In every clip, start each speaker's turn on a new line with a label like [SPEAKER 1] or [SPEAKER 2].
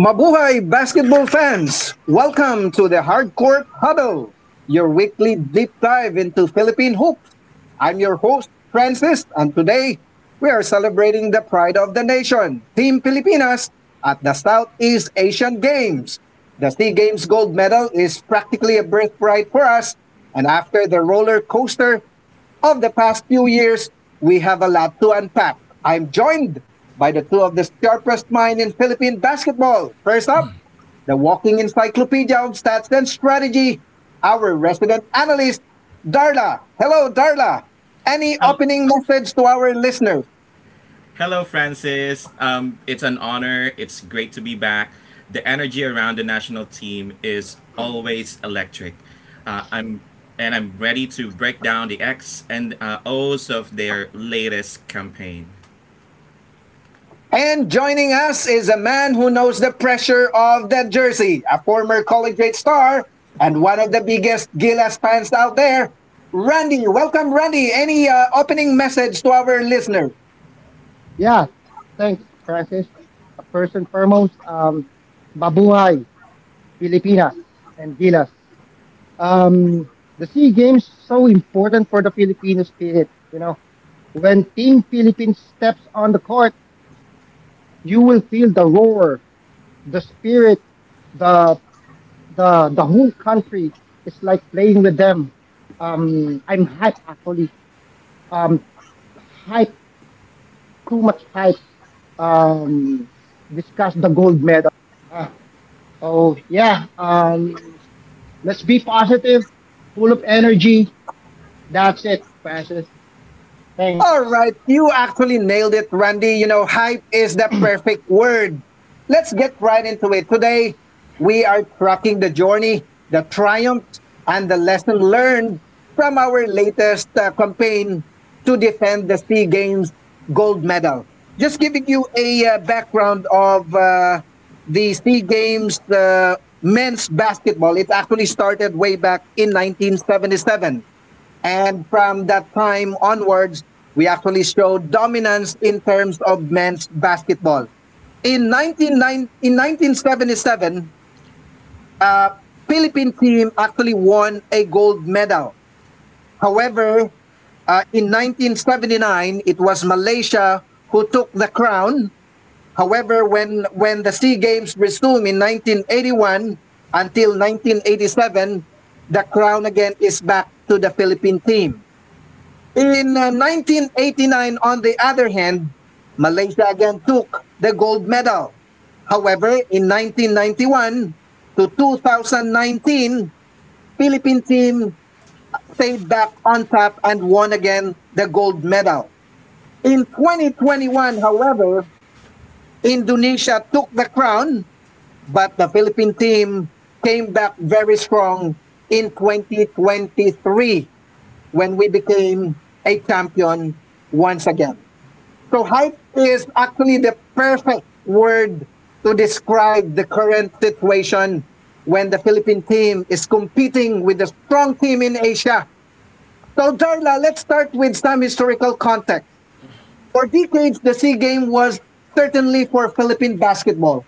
[SPEAKER 1] Mabuhay basketball fans! Welcome to the Hardcourt Huddle, your weekly deep dive into Philippine hoops. I'm your host, Francis, and today we are celebrating the pride of the nation, Team Pilipinas, at the Southeast Asian Games. The SEA Games gold medal is practically a birthright for us, and after the roller coaster of the past few years, we have a lot to unpack. I'm joined by the two of the sharpest minds in Philippine basketball. First up, the walking encyclopedia of stats and strategy, our resident analyst, Darla. Hello, Darla. Any opening message to our listeners?
[SPEAKER 2] Hello, Francis. It's an honor. It's great to be back. The energy around the national team is always electric. Uh, I'm I'm ready to break down the X and O's of their latest campaign.
[SPEAKER 1] And joining us is a man who knows the pressure of that jersey, a former college grade star and one of the biggest Gilas fans out there. Randy, welcome, Randy. Any opening message to our listeners?
[SPEAKER 3] Yeah, thanks, Francis. First and foremost, Babuhay, Pilipinas, and Gilas. Um, the SEA Games so important for the Filipino spirit. You know, when Team Philippines steps on the court, you will feel the roar, the spirit, the the whole country is like playing with them. I'm hype actually. Um, hype, too much hype. Um, discuss the gold medal. Ah, So yeah, let's be positive, full of energy. That's it, Francis. Thanks.
[SPEAKER 1] All right, you actually nailed it, Randy. You know, hype is the perfect word. Let's get right into it. Today, we are tracking the journey, the triumphs, and the lesson learned from our latest campaign to defend the SEA Games gold medal. Just giving you a background of the SEA Games men's basketball. It actually started way back in 1977, and from that time onwards, we actually showed dominance in terms of men's basketball. In 1977, uh, Philippine team actually won a gold medal. However, in 1979, it was Malaysia who took the crown. However, when the SEA Games resumed in 1981 until 1987, the crown again is back to the Philippine team. In 1989, on the other hand, Malaysia again took the gold medal. However, in 1991 to 2019, Philippine team stayed back on top and won again the gold medal. In 2021, however, Indonesia took the crown, but the Philippine team came back very strong in 2023 when we became a champion once again. So hype is actually the perfect word to describe the current situation when the Philippine team is competing with a strong team in Asia. So Darla, let's start with some historical context. For decades, the SEA Game was certainly for Philippine basketball.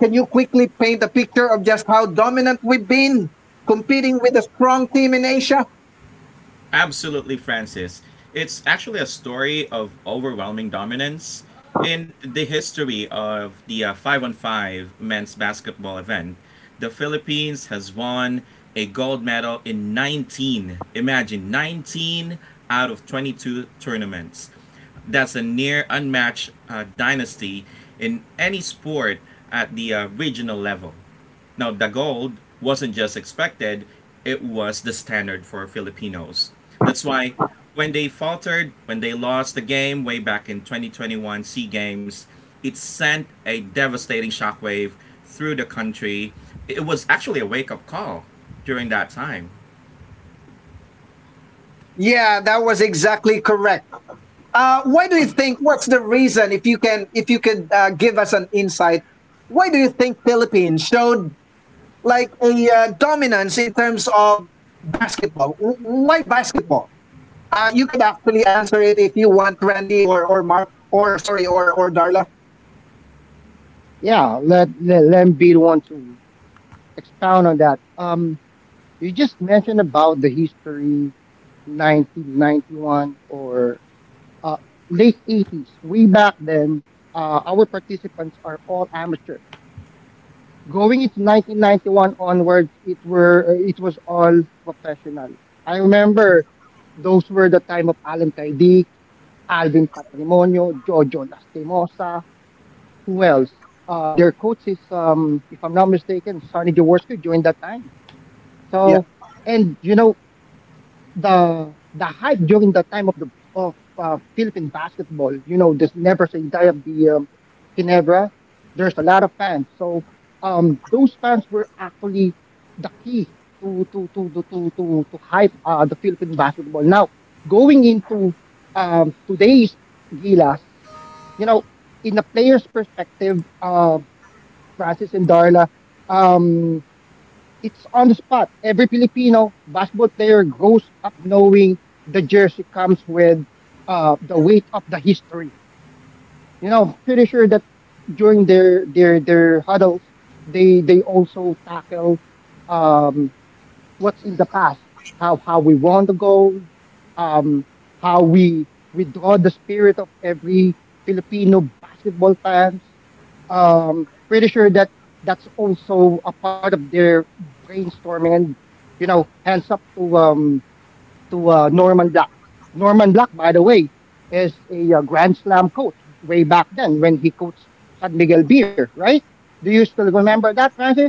[SPEAKER 1] Can you quickly paint a picture of just how dominant we've been competing with a strong team in Asia?
[SPEAKER 2] Absolutely, Francis. It's actually a story of overwhelming dominance in the history of the 5 on 5 men's basketball event. The Philippines has won a gold medal in 19, imagine 19 out of 22 tournaments. That's a near unmatched dynasty in any sport at the regional level. Now, the gold wasn't just expected, it was the standard for Filipinos. That's why when they faltered, when they lost the game way back in 2021 SEA Games, it sent a devastating shockwave through the country. It was actually a wake up call during that time.
[SPEAKER 1] Yeah, that was exactly correct. Why do you think? What's the reason? If you could give us an insight, why do you think Philippines showed like a dominance in terms of basketball? Why basketball? You could actually answer it if you want, Randy or Mark or sorry or Darla.
[SPEAKER 3] Yeah, let be the one to expound on that. You just mentioned about the history, 1991 or uh, late 80s. Way back then, our participants are all amateur. Going into 1991 onwards, it was all professional. I remember those were the time of Alan Kaidik, Alvin Patrimonio, Jojo Lastimosa. Who else? Their coach is, if I'm not mistaken, Sonny Jaworski during that time.
[SPEAKER 1] Yeah,
[SPEAKER 3] So, and you know the hype during the time of Philippine basketball, you know, this never say die of the Ginebra. There's a lot of fans, so those fans were actually the key to to to to to to, to hype the Philippine basketball. Now going into today's Gilas, you know, in the player's perspective, Francis and Darla. Um, It's on the spot. Every Filipino basketball player grows up knowing the jersey comes with the weight of the history. You know, pretty sure that during their huddles, they also tackle um, what's in the past, how we won the gold, um, how we draw the spirit of every Filipino basketball fans. Pretty sure that that's also a part of their brainstorming, and you know hands up to Norman Black. Norman Black, by the way, is a Grand Slam coach way back then when he coached San Miguel Beer, right? Do you still remember that, Francis?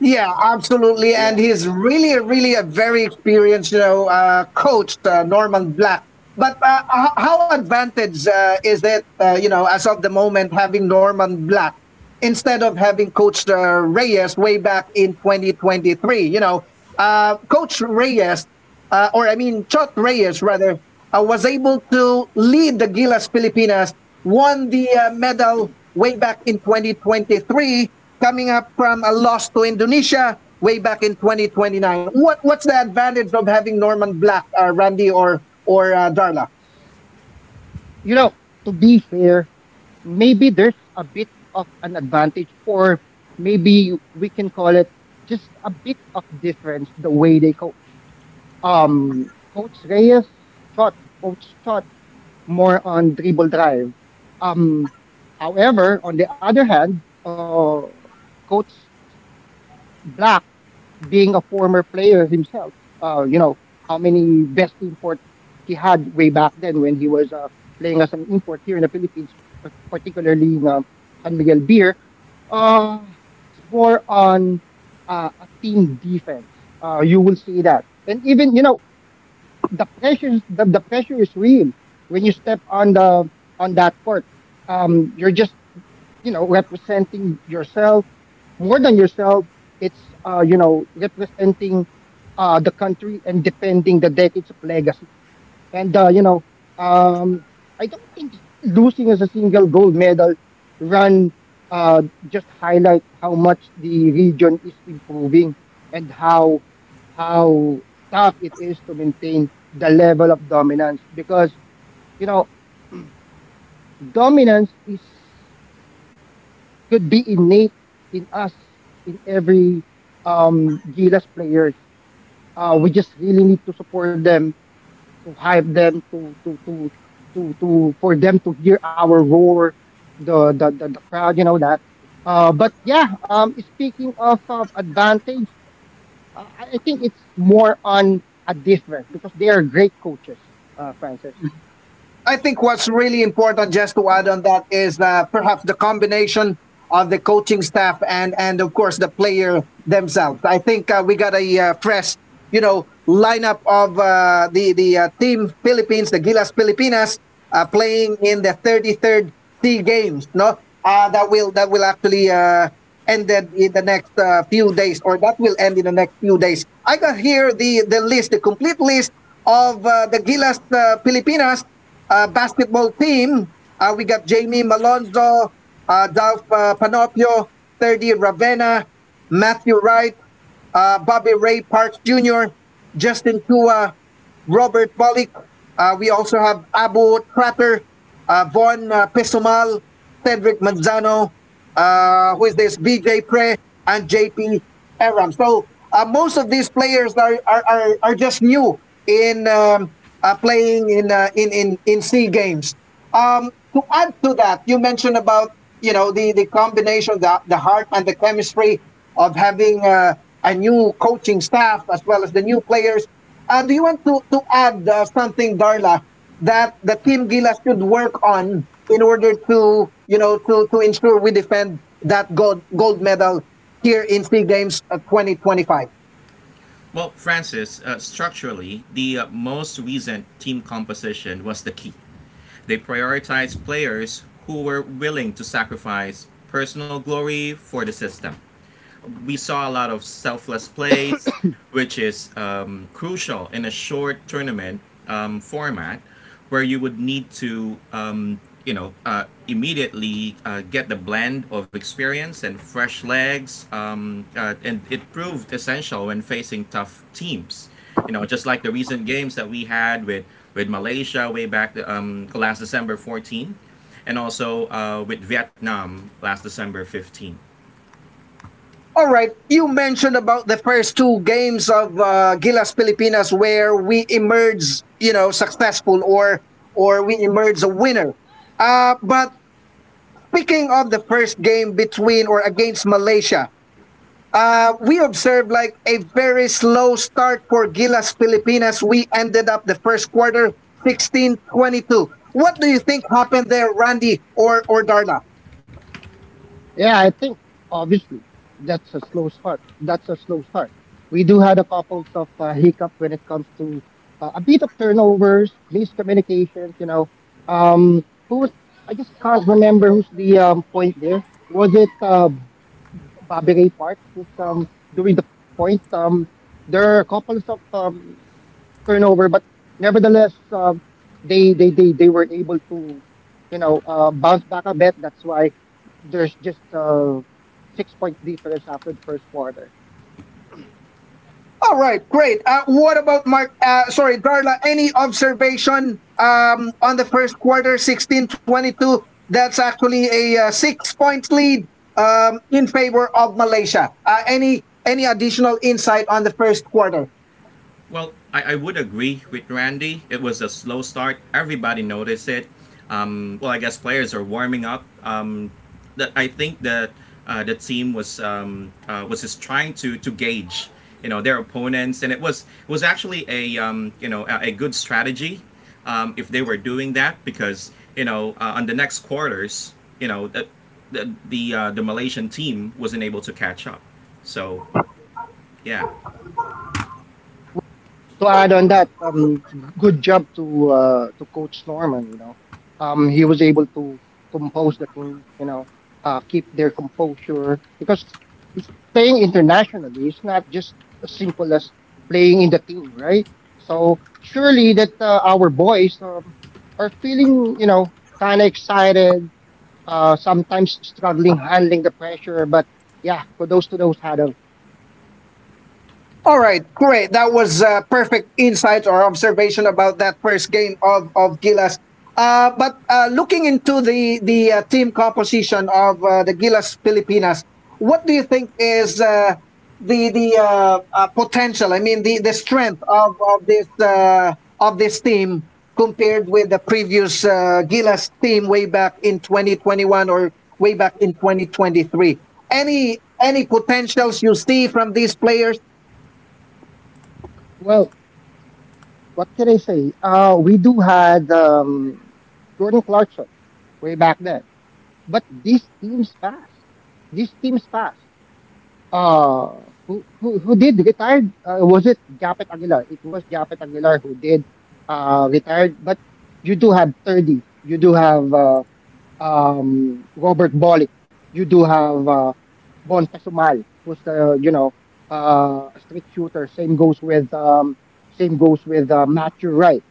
[SPEAKER 1] yeah, absolutely.
[SPEAKER 3] Yeah.
[SPEAKER 1] And he's really, really a very experienced, coach, Norman Black. How advantage is it, as of the moment, having Norman Black instead of having Coach Reyes way back in 2023? You know, Coach Reyes, or I mean, Chot Reyes rather, was able to lead the Gilas Pilipinas, won the medal way back in 2023, coming up from a loss to Indonesia way back in 2029. What's the advantage of having Norman Black, Randy, or Darla?
[SPEAKER 3] You know, to be fair, maybe there's a bit of an advantage, or maybe we can call it just a bit of difference the way they coach. Coach Reyes shot, coach shot more on dribble drive. Um, however, on the other hand, coach Black, being a former player himself, you know, how many best import he had way back then when he was playing as an import here in the Philippines, particularly in San Miguel Beer. Uh, it's more on a team defense. You will see that. And even, you know, the pressure, the pressure is real when you step on that court. You're just, you know, representing yourself more than yourself. It's you know, representing the country and defending the decades of legacy. And you know, um, I don't think losing as a single gold medal run just highlight how much the region is improving, and how tough it is to maintain the level of dominance because, you know, dominance is could be innate in us, in every Gilas players. We just really need to support them, to hype them, to for them to hear our roar, the, crowd, you know that. But yeah, speaking of advantage, I think it's more on a difference because they are great coaches, Francis.
[SPEAKER 1] I think what's really important, just to add on that, is perhaps the combination of the coaching staff and of course the player themselves. I think we got a fresh, lineup of the team Philippines, the Gilas Pilipinas, playing in the 33rd C Games. No, that will actually ended in the next few days, or that will end in the next few days. I got here the list, the complete list of the Gilas Pilipinas basketball team. We got Jamie Malonzo, Dalf Panopio, 30 Ravenna, Matthew Wright, Bobby Ray Parks Jr., Justin Tua, Robert Bolick. We also have Abu Tratter, Von Pesumal, Cedric Manzano, who is this, BJ Pre, and JP Aram. So most of these players are just new in playing in C games. To add to that, you mentioned about the combination, the heart and the chemistry of having a new coaching staff as well as the new players. Do you want to add something, Darla? That the team Gila should work on in order to you know to ensure we defend that gold medal here in Sea Games 2025.
[SPEAKER 2] Well, Francis, structurally, the most recent team composition was the key. They prioritized players who were willing to sacrifice personal glory for the system. We saw a lot of selfless plays, which is crucial in a short tournament format where you would need to, you know, immediately get the blend of experience and fresh legs. And it proved essential when facing tough teams. You know, just like the recent games that we had with Malaysia way back last December 14, and also with Vietnam last December 15.
[SPEAKER 1] All right, you mentioned about the first two games of Gilas Pilipinas where we emerge, successful or we emerge a winner. But speaking of the first game between or against Malaysia, we observed like a very slow start for Gilas Pilipinas. We ended up the first quarter 16-22. What do you think happened there, Randy or Darla?
[SPEAKER 3] Yeah, I think obviously that's a slow start. That's a slow start. We do had a couple of hiccups when it comes to a bit of turnovers, miscommunications. You know, who was? I just can't remember who's the point there. Was it Bobby Ray Parks who's doing the point? There are a couple of turnover, but nevertheless, they, they were able to, you know, bounce back a bit. That's why there's just a six point difference after the first quarter.
[SPEAKER 1] All right, great. What about Mark? Sorry, Darla. Any observation on the first quarter 16-22? That's actually a 6-point lead in favor of Malaysia. Any additional insight on the first quarter?
[SPEAKER 2] Well, I would agree with Randy. It was a slow start. Everybody noticed it. Well, I guess players are warming up. That I think that the team was just trying to gauge, you know, their opponents, and it was actually a you know a good strategy if they were doing that because you know on the next quarters, you know, the Malaysian team wasn't able to catch up. So yeah.
[SPEAKER 3] To add on that, good job to to Coach Norman. You know, he was able to compose the team. You know, keep their composure because it's playing internationally is not just as simple as playing in the team, right? So surely that our boys are feeling, you know, kind of excited. Sometimes struggling handling the pressure, but yeah, kudos to those huddles.
[SPEAKER 1] All right, great. That was perfect insight or observation about that first game of Gilas. But looking into the team composition of the Gilas Pilipinas, what do you think is the potential? I mean, the strength of this team compared with the previous Gilas team way back in 2021 or way back in 2023. Any potentials you see from these players?
[SPEAKER 3] What can I say? We do had Jordan Clarkson way back then, but these teams fast. These teams fast. Who did retired? Was it Japet Aguilar? It was Japet Aguilar who did retired. But you do have 30. You do have Robert Bolick. You do have Bon Pasumal, who's the, you know, street shooter. Same goes with Matthew Wright,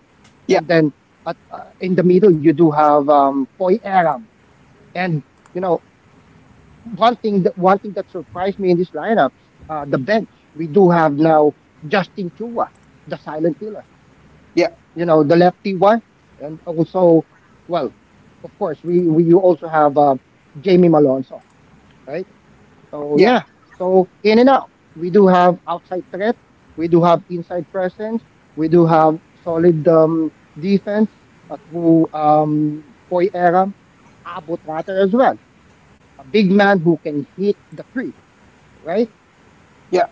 [SPEAKER 1] Yeah.
[SPEAKER 3] and then at, in the middle you do have Poy Aram. And you know, one thing that surprised me in this lineup, the bench. We do have now Justin Chua, the silent killer.
[SPEAKER 1] Yeah,
[SPEAKER 3] You know, the lefty one, and also, well, of course, we you also have Jamie Malonzo, right? So
[SPEAKER 1] yeah,
[SPEAKER 3] yeah, so in and out. We do have outside threat. We do have inside presence. We do have solid defense through Poy Aram, Abu Tratter as well. A big man who can hit the three, right?
[SPEAKER 1] yeah.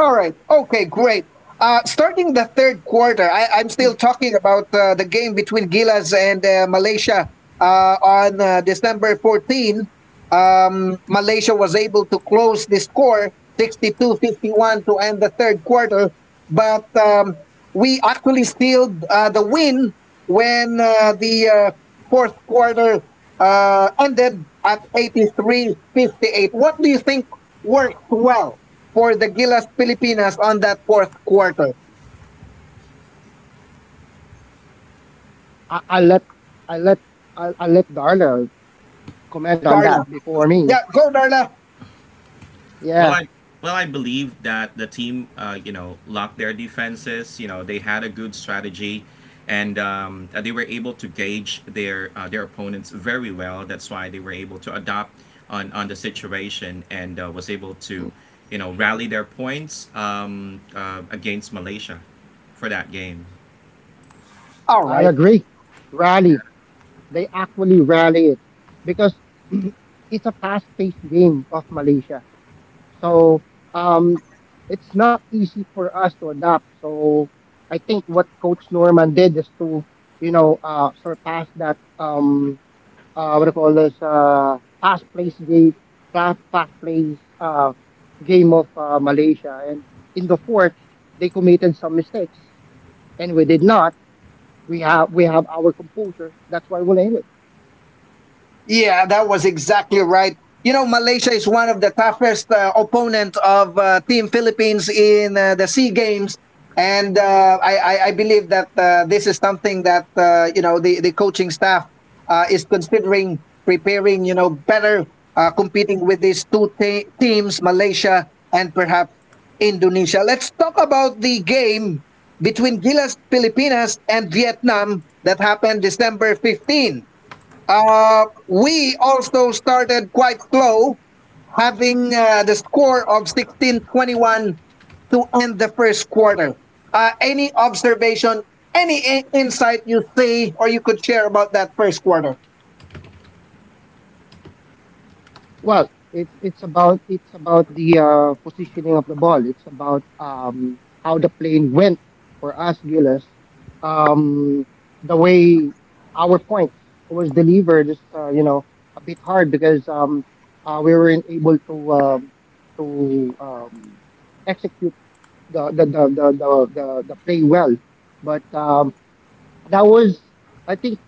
[SPEAKER 1] All right. Okay, great. Starting the third quarter, I'm still talking about the game between Gilas and Malaysia on December 14. Malaysia was able to close the score 62-51 to end the third quarter, but we actually sealed the win when the fourth quarter ended at 83-58. What do you think worked well for the Gilas Pilipinas on that fourth quarter?
[SPEAKER 3] I, I let I let I let Darla comment on that
[SPEAKER 1] Darla.
[SPEAKER 3] before me.
[SPEAKER 1] Yeah, go
[SPEAKER 3] Yeah,
[SPEAKER 1] Darla.
[SPEAKER 2] Well, I believe that the team, you know, locked their defenses. You know, they had a good strategy, and they were able to gauge their opponents very well. That's why they were able to adapt on the situation and was able to, you know, rally their points against Malaysia for that game.
[SPEAKER 1] All
[SPEAKER 3] I
[SPEAKER 1] right.
[SPEAKER 3] agree. Rally. They actually rally it because it's a fast-paced game of Malaysia. So um, it's not easy for us to adapt. So I think what Coach Norman did is to, you know, surpass that, what do you call this, fast pace game, fast pace game of Malaysia. And in the fourth, they committed some mistakes, and we did not. We have our composure. That's why we win.
[SPEAKER 1] Yeah, that was exactly right. You know, Malaysia is one of the toughest opponent of Team Philippines in the Sea Games, and I believe that this is something that the coaching staff is considering preparing. You know, better competing with these two teams, Malaysia and perhaps Indonesia. Let's talk about the game between Gilas Pilipinas and Vietnam that happened December 15. We also started quite slow, having the score of 16-21 to end the first quarter. Any observation, any insight you see or you could share about that first quarter?
[SPEAKER 3] Well, it's about the positioning of the ball. It's about how the plane went for us, Gillis. Um, the way our points was delivered is you know, a bit hard because we weren't able to to um, execute the play well. But that was, I think,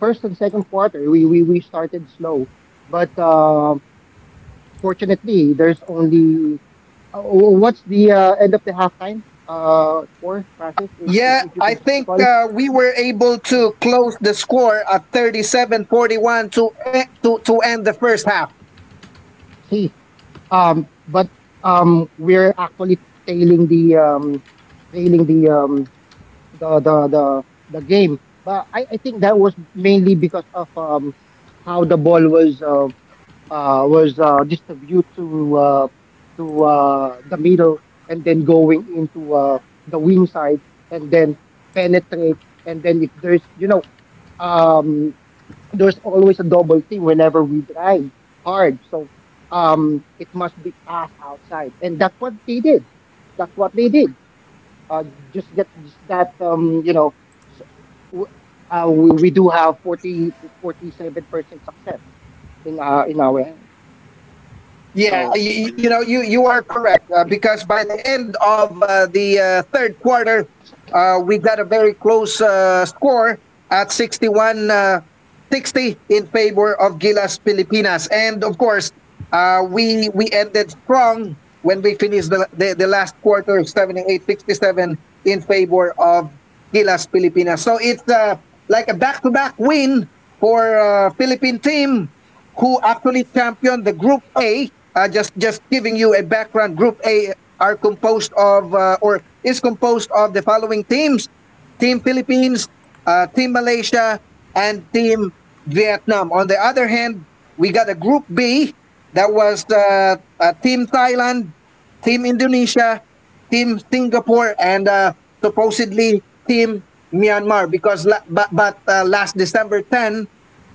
[SPEAKER 3] first and second quarter we started slow, but. Fortunately, there's only oh, what's the end of the halftime score, Francis? If, if
[SPEAKER 1] Yeah,
[SPEAKER 3] if you
[SPEAKER 1] I
[SPEAKER 3] can just
[SPEAKER 1] think
[SPEAKER 3] recall,
[SPEAKER 1] we were able to close the score at 37-41 to, e- to to end the first half.
[SPEAKER 3] see. But we're actually tailing the trailing the, the the the game. But I think that was mainly because of how the ball was distributed to the middle and then going into the wing side and then penetrate, and then if there's, you know, um, there's always a double team whenever we drive hard. So it must be passed outside, and that's what they did, that's what they did uh, just get that, you know, s- w- we do have forty forty seven percent success in our end.
[SPEAKER 1] Yeah,
[SPEAKER 3] So
[SPEAKER 1] you are correct because by the end of the third quarter, we got a very close score at 61 60 in favor of Gilas Pilipinas. And of course, we ended strong when we finished the last quarter 78-67 in favor of Gilas Pilipinas. So it's like a back to back win for Philippine team who actually championed the Group A. Just giving you a background, Group A are composed of or is composed of the following teams: Team Philippines, Team Malaysia, and Team Vietnam. On the other hand, we got a Group B that was Team Thailand, Team Indonesia, Team Singapore, and supposedly Team Myanmar. But last December 10,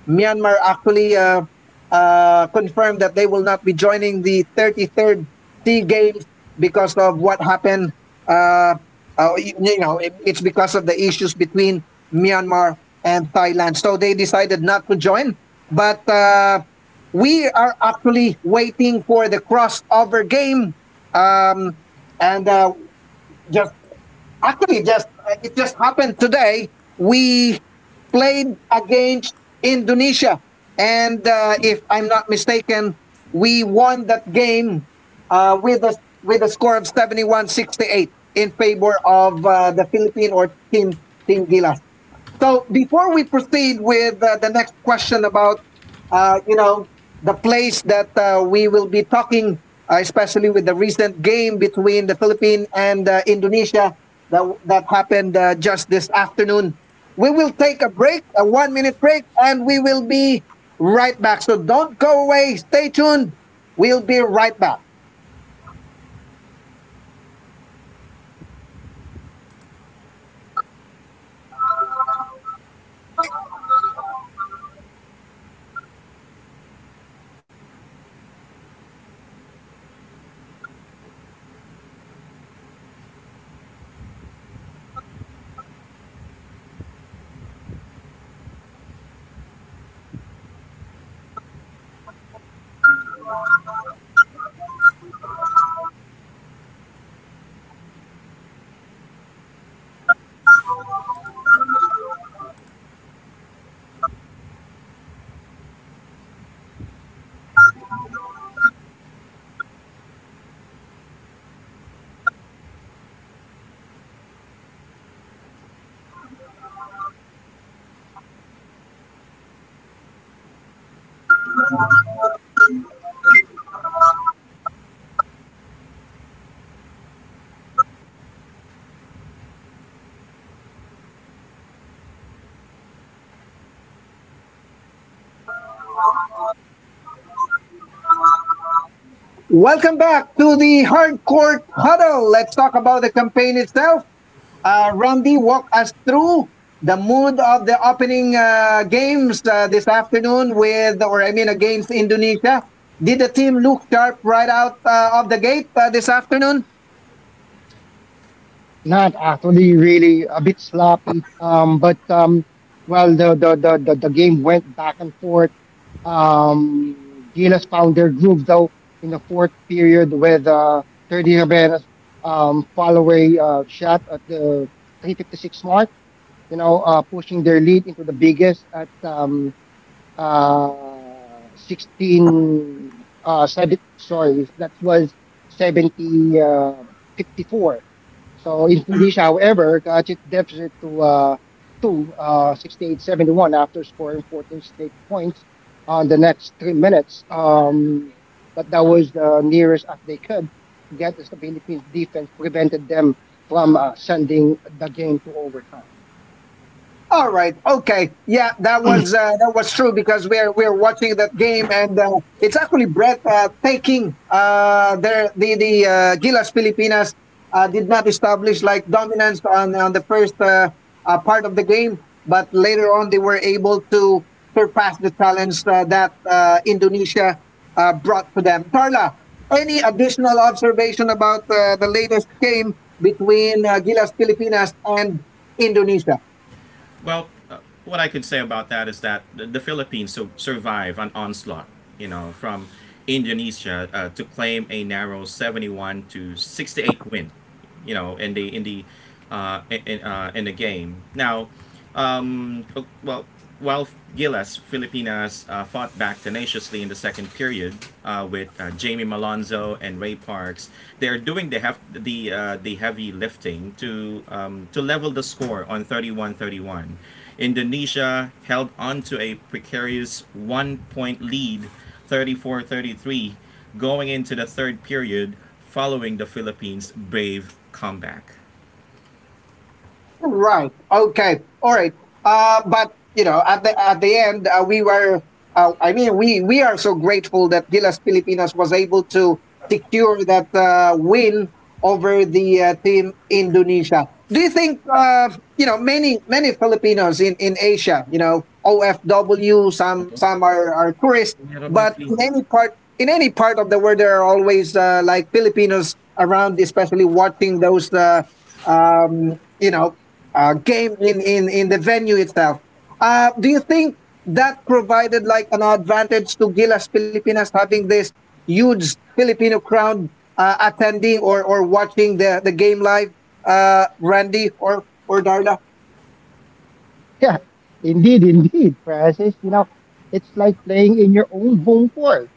[SPEAKER 1] Myanmar actually confirmed that they will not be joining the 33rd Sea Games because of what happened. Uh, it's because of the issues between Myanmar and Thailand. So they decided not to join. But we are actually waiting for the crossover game. Um, and just Actually, just it just happened today. We played against Indonesia, and if I'm not mistaken, we won that game with a score of 71-68 in favor of the Philippine or Team Gilas. So before we proceed with the next question about, uh, you know, the place that we will be talking, especially with the recent game between the Philippines and Indonesia that happened just this afternoon, we will take a break, a 1-minute break, and we will be right back. So don't go away. Stay tuned. We'll be right back. Welcome back to the Hard Court Huddle. Let's talk about the campaign itself. Randy, walk us through the mood of the opening games this afternoon with, or I mean, against Indonesia. Did the team look sharp right out of the gate this afternoon?
[SPEAKER 3] not actually really a bit sloppy. But, well, the game went back and forth. Gilas found their groove though in the fourth period with 30 Rabenas follow-away shot at the 3:56 mark. You know, pushing their lead into the biggest at 16 seven, sorry, that was seventy fifty four. So Indonesia, however, got its deficit to 68-71 after scoring 14 straight points on the next 3 minutes. But that was the nearest as they could get, as the Philippines defense prevented them from sending the game to overtime.
[SPEAKER 1] All right. Okay. Yeah, that was true because we're watching that game and it's actually Brett taking their the Gilas Filipinas did not establish like dominance on the first part of the game, but later on they were able to surpass the challenge that Indonesia brought to them. Tarla, any additional observation about the latest game between Gilas Filipinas and Indonesia?
[SPEAKER 2] Well, what I could say about that is that the Philippines so survive an onslaught, you know, from Indonesia to claim a narrow 71 to 68 win, you know, in the game. Now, well, well, while Gilas Filipinas fought back tenaciously in the second period with Jamie Malonzo and Ray Parks, they are doing the hef- the heavy lifting to level the score on 31-31. Indonesia held on to a precarious one-point lead, 34-33, going into the third period following the Philippines' brave comeback.
[SPEAKER 1] Right. Okay. All right. But you know, at the end, we were. I mean, we are so grateful that Gilas Pilipinas was able to secure that win over the team Indonesia. Do you think you know, many Filipinos in Asia, you know, OFW,
[SPEAKER 2] Ito.
[SPEAKER 1] some are tourists,
[SPEAKER 2] Ang hirap ni
[SPEAKER 1] but
[SPEAKER 2] Flynn.
[SPEAKER 1] in any part of the world there are always like Filipinos around, especially watching those um, you know game in the venue itself. Do you think that provided like an advantage to Gilas Pilipinas having this huge Filipino crowd attending or watching the game live, Randy or Darla?
[SPEAKER 3] Yeah, indeed, indeed, Francis. You know, it's like playing in your own home court.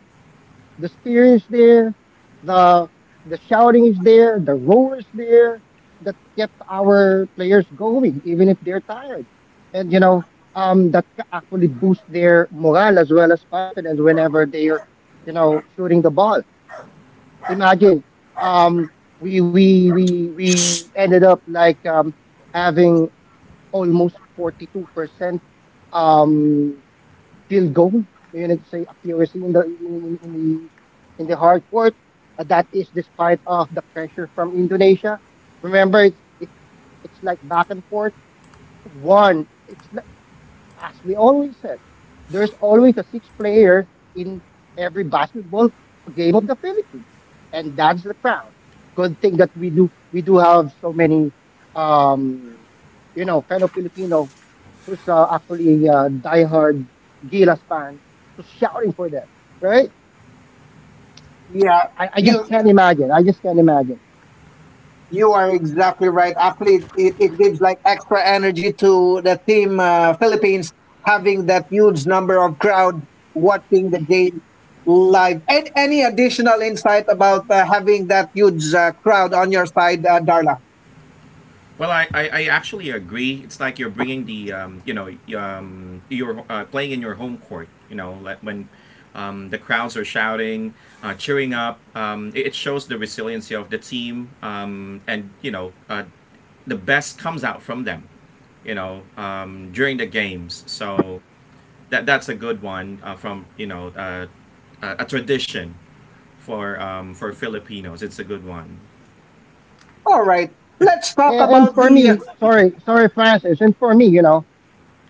[SPEAKER 3] The spear is there, the the shouting is there, the roar is there that kept our players going, even if they're tired. And you know, that actually boosts their morale, as well as confidence, whenever they're, you know, shooting the ball. Imagine, um, we ended up like, having almost 42% um, field goal. You need to say accuracy in the in the hard court. That is despite of the pressure from Indonesia. Remember, it's like back and forth. One, it's like, as we always said, there's always a six player in every basketball game of the Philippines, and that's the crown. Good thing that we do have so many um, you know, fellow Filipino who's actually a diehard Gilas fan, who's shouting for them, right?
[SPEAKER 1] Yeah,
[SPEAKER 3] I
[SPEAKER 1] you
[SPEAKER 3] just can't imagine. I just can't imagine.
[SPEAKER 1] you are exactly right. Actually, it gives like extra energy to the team Philippines having that huge number of crowd watching the game live. And any additional insight about having that huge crowd on your side, Darla?
[SPEAKER 2] Well, I actually agree. It's like you're bringing the you know you're playing in your home court. You know, like when the crowds are shouting, cheering up. It, it shows the resiliency of the team, and you know, the best comes out from them. You know, during the games. So that that's a good one from you know a tradition for Filipinos. It's a good one.
[SPEAKER 1] All right, let's talk
[SPEAKER 3] And
[SPEAKER 1] about
[SPEAKER 3] for
[SPEAKER 1] the.
[SPEAKER 3] me, sorry, sorry, Francis, and for me,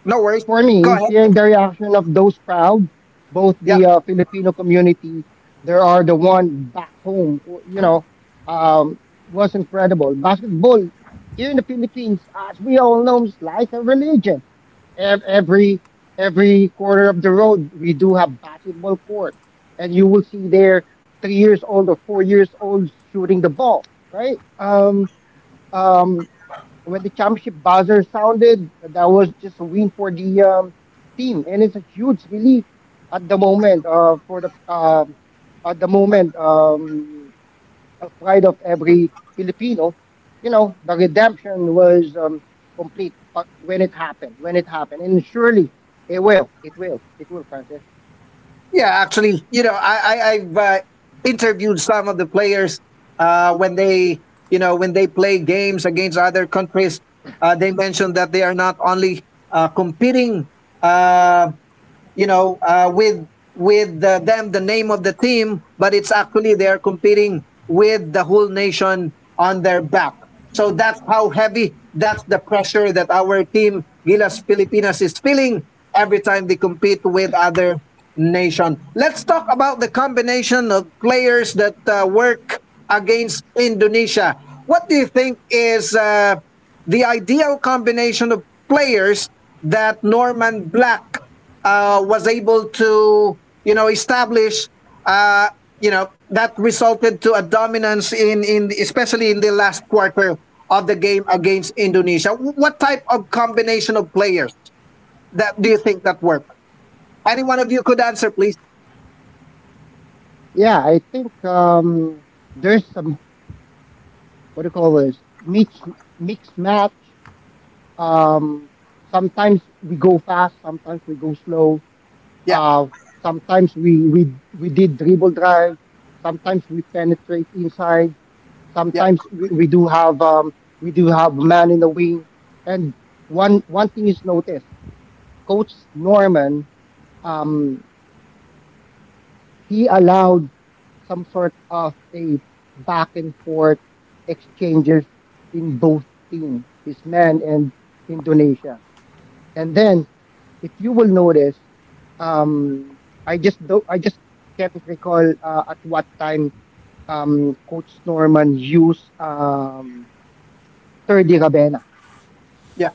[SPEAKER 1] No worries. Go ahead.
[SPEAKER 3] hearing the reaction of those crowd, both
[SPEAKER 1] Yeah.
[SPEAKER 3] the Filipino community, there are the one back home, um, was incredible. Basketball here in the Philippines, as we all know, is like a religion. Ev- Every every corner of the road, we do have basketball court, and you will see there 3 years old or 4 years old shooting the ball, right? Um, when the championship buzzer sounded, that was just a win for the team, and it's a huge relief at the moment uh, for the uh, at the moment of pride of every Filipino. You know, the redemption was complete when it happened. When it happened, and surely it will. It will. It will, Francis.
[SPEAKER 1] Yeah, actually, you know, I, I've interviewed some of the players when they, you know, when they play games against other countries. They mentioned that they are not only competing uh, you know, uh, with with them the name of the team, but it's actually they are competing with the whole nation on their back. So that's how heavy, that's the pressure that our team Gilas Pilipinas is feeling every time they compete with other nation. Let's talk about the combination of players that work against Indonesia. What do you think is the ideal combination of players that Norman Black was able to, you know, establish. Uh, you know that resulted to a dominance in especially in the last quarter of the game against Indonesia. What type of combination of players that do you think that work? Any one of you could answer, please.
[SPEAKER 3] Yeah, I think there's some, what do you call this, mix match. Um, sometimes we go fast, sometimes we go slow.
[SPEAKER 1] Yeah,
[SPEAKER 3] Uh, sometimes we did dribble drive. Sometimes we penetrate inside.
[SPEAKER 1] yeah,
[SPEAKER 3] Sometimes we do have man in the wing. And one thing is noticed, Coach Norman um, he allowed some sort of a back and forth exchanges in both team, his man and Indonesia. And then if you will notice, um, I just can't recall at what time Coach Norman used Terdy Rabena.
[SPEAKER 1] yeah.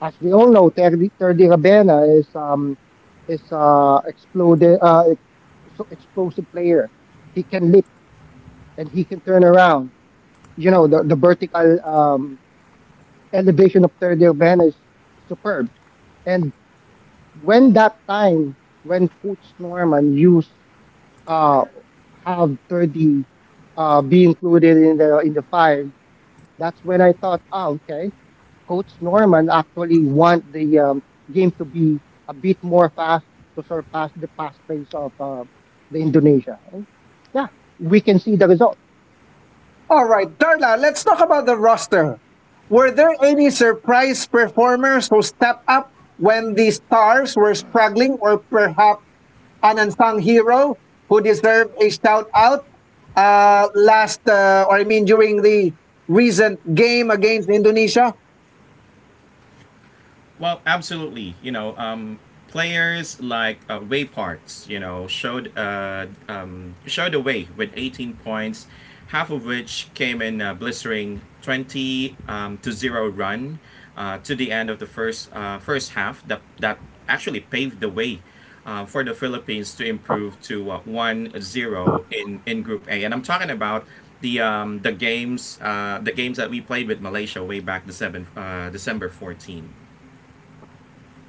[SPEAKER 3] As we all know, Terdy Rabena is exploded so explosive player. He can lift and he can turn around. You know the vertical elevation of Terdy Rabena is superb. And when that time when Coach Norman used uh, have 30 be included in the five. That's when I thought, oh, okay, Coach Norman actually want the game to be a bit more fast to surpass the past pace of the Indonesia. And yeah, we can see the result.
[SPEAKER 1] All right, Darla, let's talk about the roster. Were there any surprise performers who stepped up when the stars were struggling, or perhaps an unsung hero who deserved a shout out or I mean, during the recent game against Indonesia?
[SPEAKER 2] Well, absolutely. You know, players like Wayparts, you know, showed the way with 18 points, half of which came in a blistering 20 to zero run to the end of the first half. That actually paved the way. For the Philippines to improve to 1-0 in Group A, and I'm talking about the the games that we played with Malaysia way back December 14.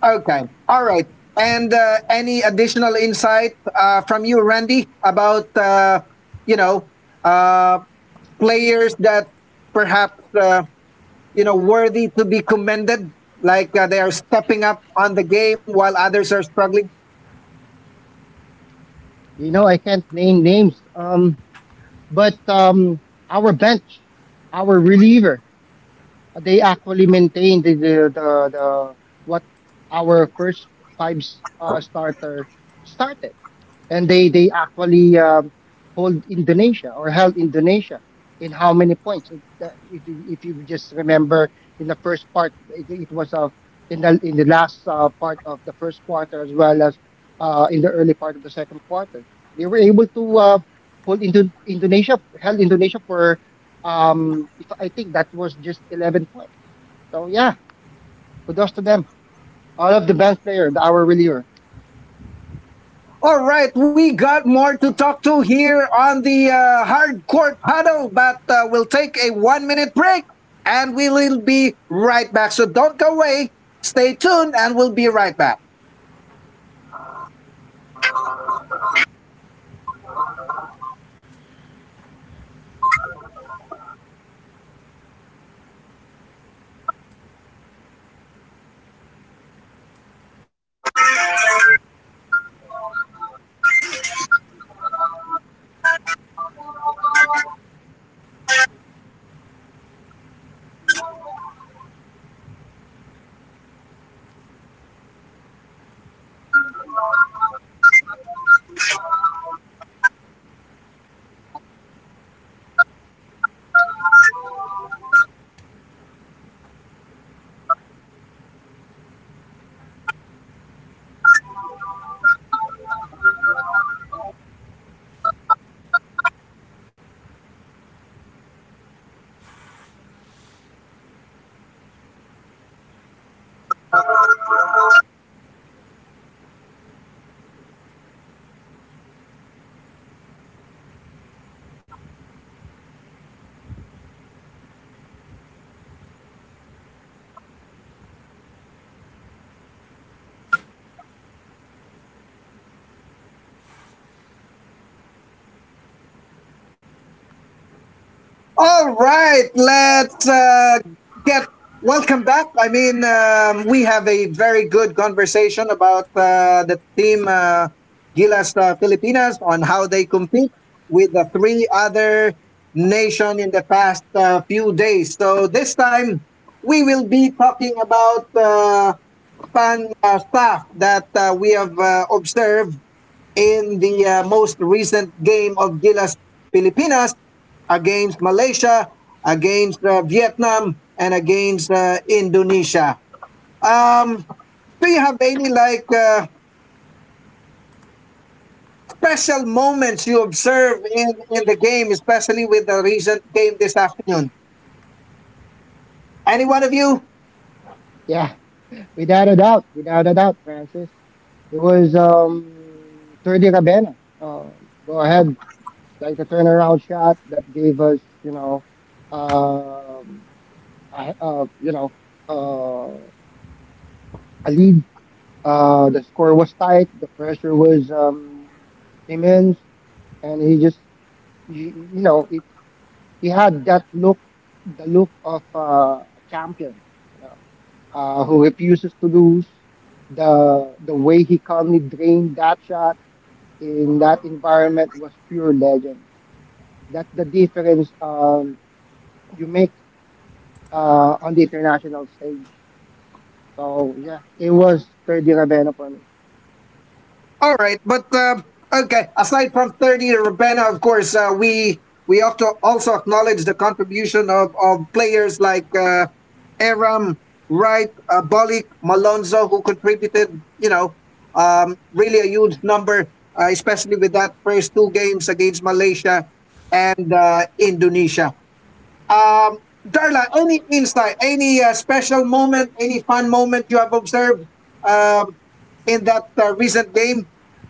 [SPEAKER 1] Okay, all right. And any additional insight from you, Randy, about you know uh, players that perhaps uh, you know worthy to be commended like they are stepping up on the game while others are struggling.
[SPEAKER 3] You know, I can't name names, but our bench, our reliever. They actually maintained the what our first five starter started, and they actually hold Indonesia or held Indonesia in how many points? If you if you just remember in the first part, it was in the last part of the first quarter as well as in the early part of the second quarter, they were able to hold Indo- Indonesia held Indonesia for if I think that was just 11 points. So yeah, kudos to them. All of the bench player, the hour reliever.
[SPEAKER 1] All right, we got more to talk to here on the hardcore huddle, but we'll take a 1 minute break and we will be right back, so don't go away. Stay tuned and we'll be right back. All right, let's get welcome back. I mean, we have a very good conversation about the team Gilas Filipinas on how they compete with the three other nation in the past few days. So this time we will be talking about fan stuff that we have observed in the most recent game of Gilas Pilipinas against Malaysia, against Vietnam, and against Indonesia. Um, do you have any like special moments you observe in the game, especially with the recent game this afternoon? Any one of you?
[SPEAKER 3] Yeah, without a doubt, without a doubt, Francis. It was Thirty Rabena. Go ahead, like the turnaround shot that gave us, you know, um, a- uh, you know, uh, a lead. The score was tight. The pressure was immense, and he just, you, you know, he had that look, the look of a champion, you know, who refuses to lose. The way he calmly drained that shot in that environment was pure legend. That's the difference you make on the international stage. So yeah, it was third year Ravena for me.
[SPEAKER 1] All right, but okay. Aside from thirty, Rabena, of course, we we have to also acknowledge the contribution of players like Aram, Wright, Bolik, Malonzo, who contributed, you know, really a huge number, especially with that first two games against Malaysia and Indonesia. Um, Darla, any insight, any special moment, any fun moment you have observed um, in that recent game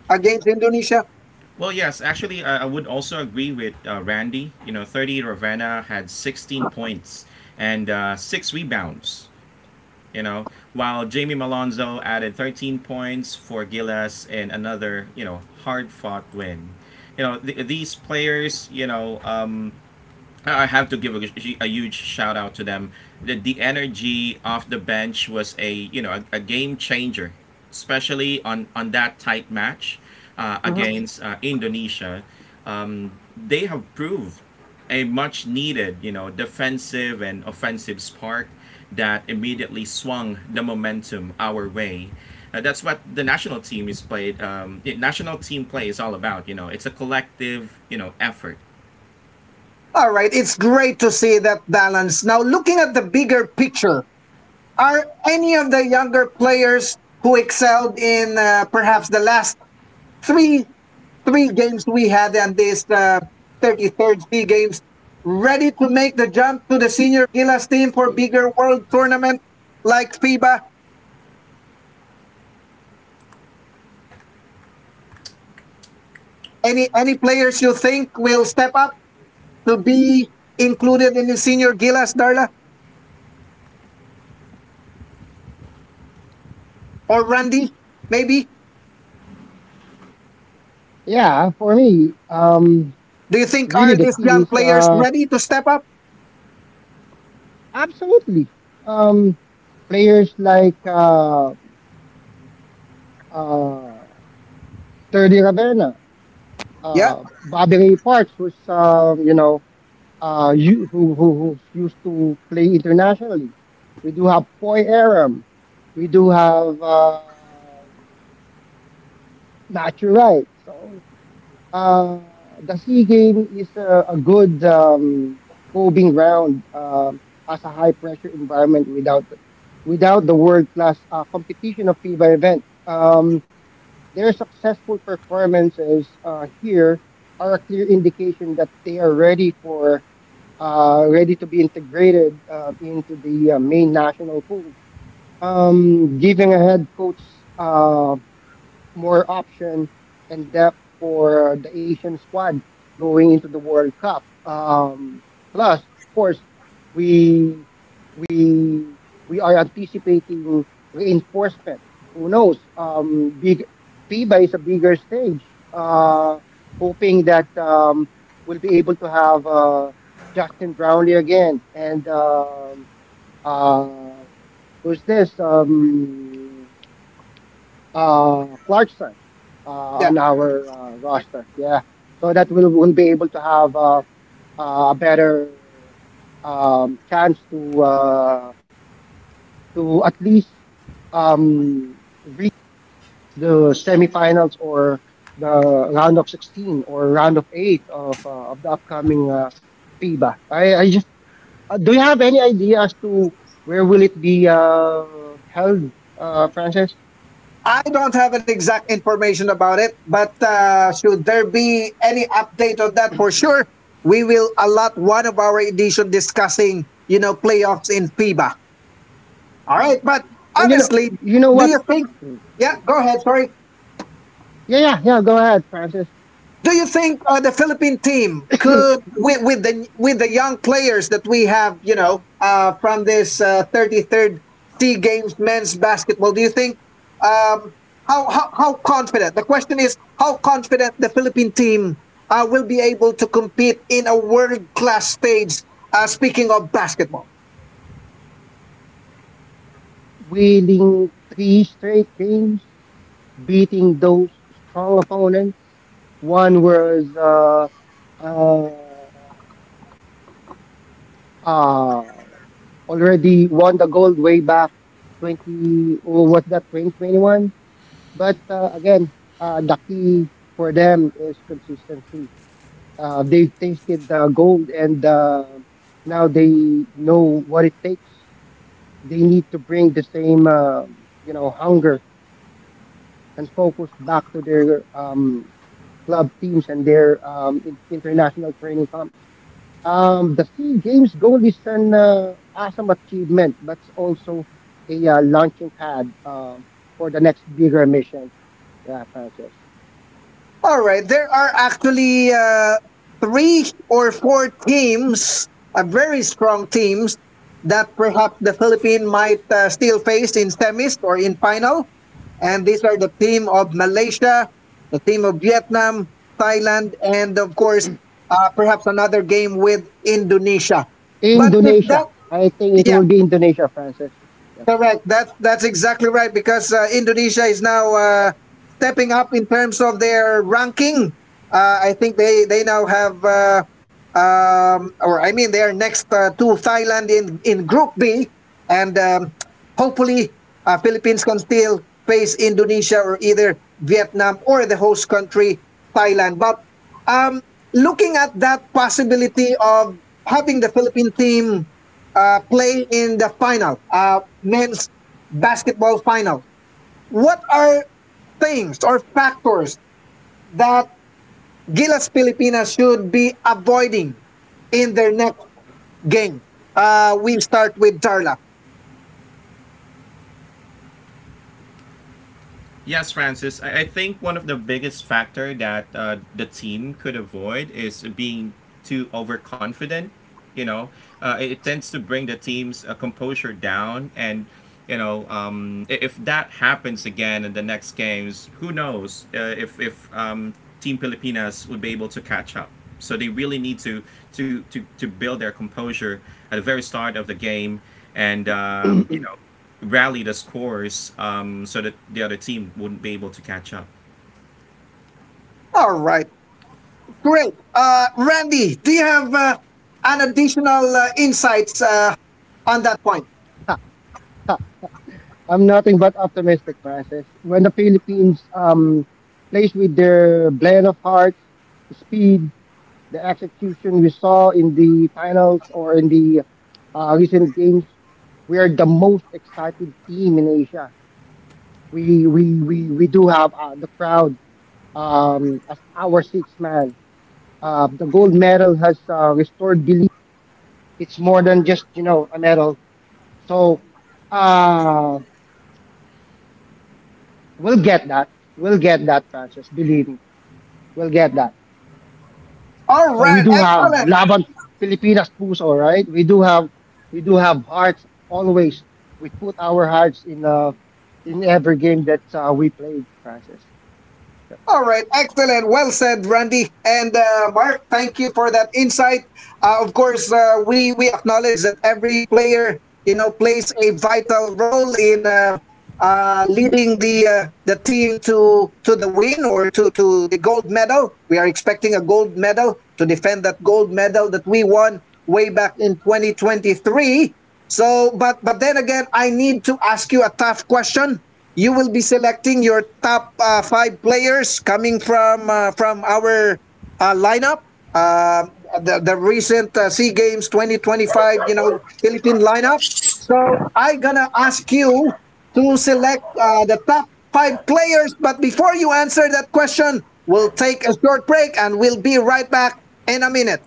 [SPEAKER 1] against Indonesia?
[SPEAKER 2] Well, yes, actually, I would also agree with Randy. You know, 30 Ravenna had 16 points and six rebounds, you know, while Jamie Malonzo added 13 points for Gillis and another, you know, hard fought win. You know, these players, you know, I have to give a huge shout out to them. The energy off the bench was a you know a game changer, especially on that tight match
[SPEAKER 1] Mhm.
[SPEAKER 2] against Indonesia. They have proved a much needed you know defensive and offensive spark that immediately swung the momentum our way. That's what the national team is played. The national team play is all about. You know, it's a collective you know effort.
[SPEAKER 1] All right, it's great to see that balance. Now, looking at the bigger picture, are any of the younger players who excelled in perhaps the last three three games we had and this 33rd three games ready to make the jump to the senior Gilas team for bigger world tournament like FIBA? Any players you think will step up to be included in the senior Gilas, Darla or Randy? Maybe.
[SPEAKER 3] Yeah, for me,
[SPEAKER 1] Do you think
[SPEAKER 3] really
[SPEAKER 1] are
[SPEAKER 3] the
[SPEAKER 1] these
[SPEAKER 3] key
[SPEAKER 1] young
[SPEAKER 3] is
[SPEAKER 1] players ready to step up?
[SPEAKER 3] absolutely um, players like uh, third Ravena,
[SPEAKER 1] Yeah,
[SPEAKER 3] Bobby Ray Parks, who's you know, who's used to play internationally. We do have Poy Aram. We do have Matthew Wright. So uh, the C game is a good probing ground, as a high pressure environment without the world class competition of FIBA event. Their successful performances here are a clear indication that they are ready to be integrated into the main national pool, giving a head coach uh, more option and depth for the Asian squad going into the World Cup. Plus, of course, we we we are anticipating reinforcement. Who knows? Big FIBA is a bigger stage. Uh, hoping that we'll be able to have Justin Brownlee again, and uh, who's this? Clarkson
[SPEAKER 1] yeah.
[SPEAKER 3] on our roster. Yeah, so that we will be able to have a better chance to at least um, reach the semifinals or the round of 16 or round of eight of the upcoming FIBA. I just do you have any idea as to where will it be held, Francis?
[SPEAKER 1] I don't have an exact information about it, but should there be any update on that for sure, we will allot one of our edition discussing, you know, playoffs in FIBA. All
[SPEAKER 3] Uh,
[SPEAKER 1] right, but
[SPEAKER 3] and
[SPEAKER 1] honestly,
[SPEAKER 3] you know
[SPEAKER 1] do
[SPEAKER 3] what?
[SPEAKER 1] you think?
[SPEAKER 3] Hmm.
[SPEAKER 1] Yeah, go ahead. Sorry.
[SPEAKER 3] Yeah, yeah, yeah. Go ahead, Francis.
[SPEAKER 1] Do you think the Philippine team could, with, with the young players that we have, you know, from this 33rd Sea Games men's basketball, do you think um, how confident? The question is how confident the Philippine team will be able to compete in a world class stage. Speaking of basketball.
[SPEAKER 3] Winning three straight games, beating those strong opponents. One was uh, uh, already won the gold way back 20, or was that 2021? But again, the key for them is consistency. They tasted the gold, and now they know what it takes. They need to bring the same hunger and focus back to their club teams and their international training camps. The Sea Games gold is an awesome achievement, but it's also a launching pad for the next bigger mission. Yeah, Francis.
[SPEAKER 1] All right, there are actually three or four teams, very strong teams, that perhaps the Philippines might still face in semis or in final. And these are the team of Malaysia, the team of Vietnam, Thailand, and of course, perhaps another game with Indonesia. But if
[SPEAKER 3] Indonesia.
[SPEAKER 1] that,
[SPEAKER 3] I think it
[SPEAKER 1] yeah,
[SPEAKER 3] will be Indonesia, Francis. Yep.
[SPEAKER 1] correct. That that's exactly right because Indonesia is now stepping up in terms of their ranking. I think they now have, or I mean, they are next to Thailand in Group B, and hopefully Philippines can still face Indonesia or either Vietnam or the host country Thailand. But um, looking at that possibility of having the Philippine team playing in the final, men's basketball final. What are things or factors that Gilas Pilipinas should be avoiding in their next game? We start with Darla.
[SPEAKER 2] Yes, Francis. I think one of the biggest factor that the team could avoid is being too overconfident. You know, it, it tends to bring the team's composure down, and you know, if that happens again in the next games, who knows if Team Pilipinas would be able to catch up. So they really need to build their composure at the very start of the game, and rally the scores so that the other team wouldn't be able to catch up.
[SPEAKER 1] All right, great. Randy, do you have an additional insights on that point?
[SPEAKER 3] I'm nothing but optimistic, Francis. When the Philippines plays with their blend of hearts, speed, the execution we saw in the finals or in the recent games, we are the most exciting team in Asia. We do have the crowd as our sixth man. The gold medal has restored belief. It's more than just a medal. So. Uh, We'll get that. We'll get that, Francis. Believe me. We'll get that.
[SPEAKER 1] All
[SPEAKER 3] So we
[SPEAKER 1] right,
[SPEAKER 3] do have
[SPEAKER 1] excellent.
[SPEAKER 3] Laban Pilipinas puso, right? We do have hearts always. We put our hearts in every game that we played, Francis.
[SPEAKER 1] All right, excellent. Well said, Randy and Mark. Thank you for that insight. Of course, we acknowledge that every player, you know, plays a vital role in leading the team to the win or to the gold medal. We are expecting a gold medal to defend that gold medal that we won way back in 2023. So, but then again, I need to ask you a tough question. You will be selecting your top five players coming from our lineup, uh, the recent Sea Games 2025, you know, Philippine lineup. So I gonna ask you to select the top five players. But before you answer that question, we'll take a short break and we'll be right back in a minute.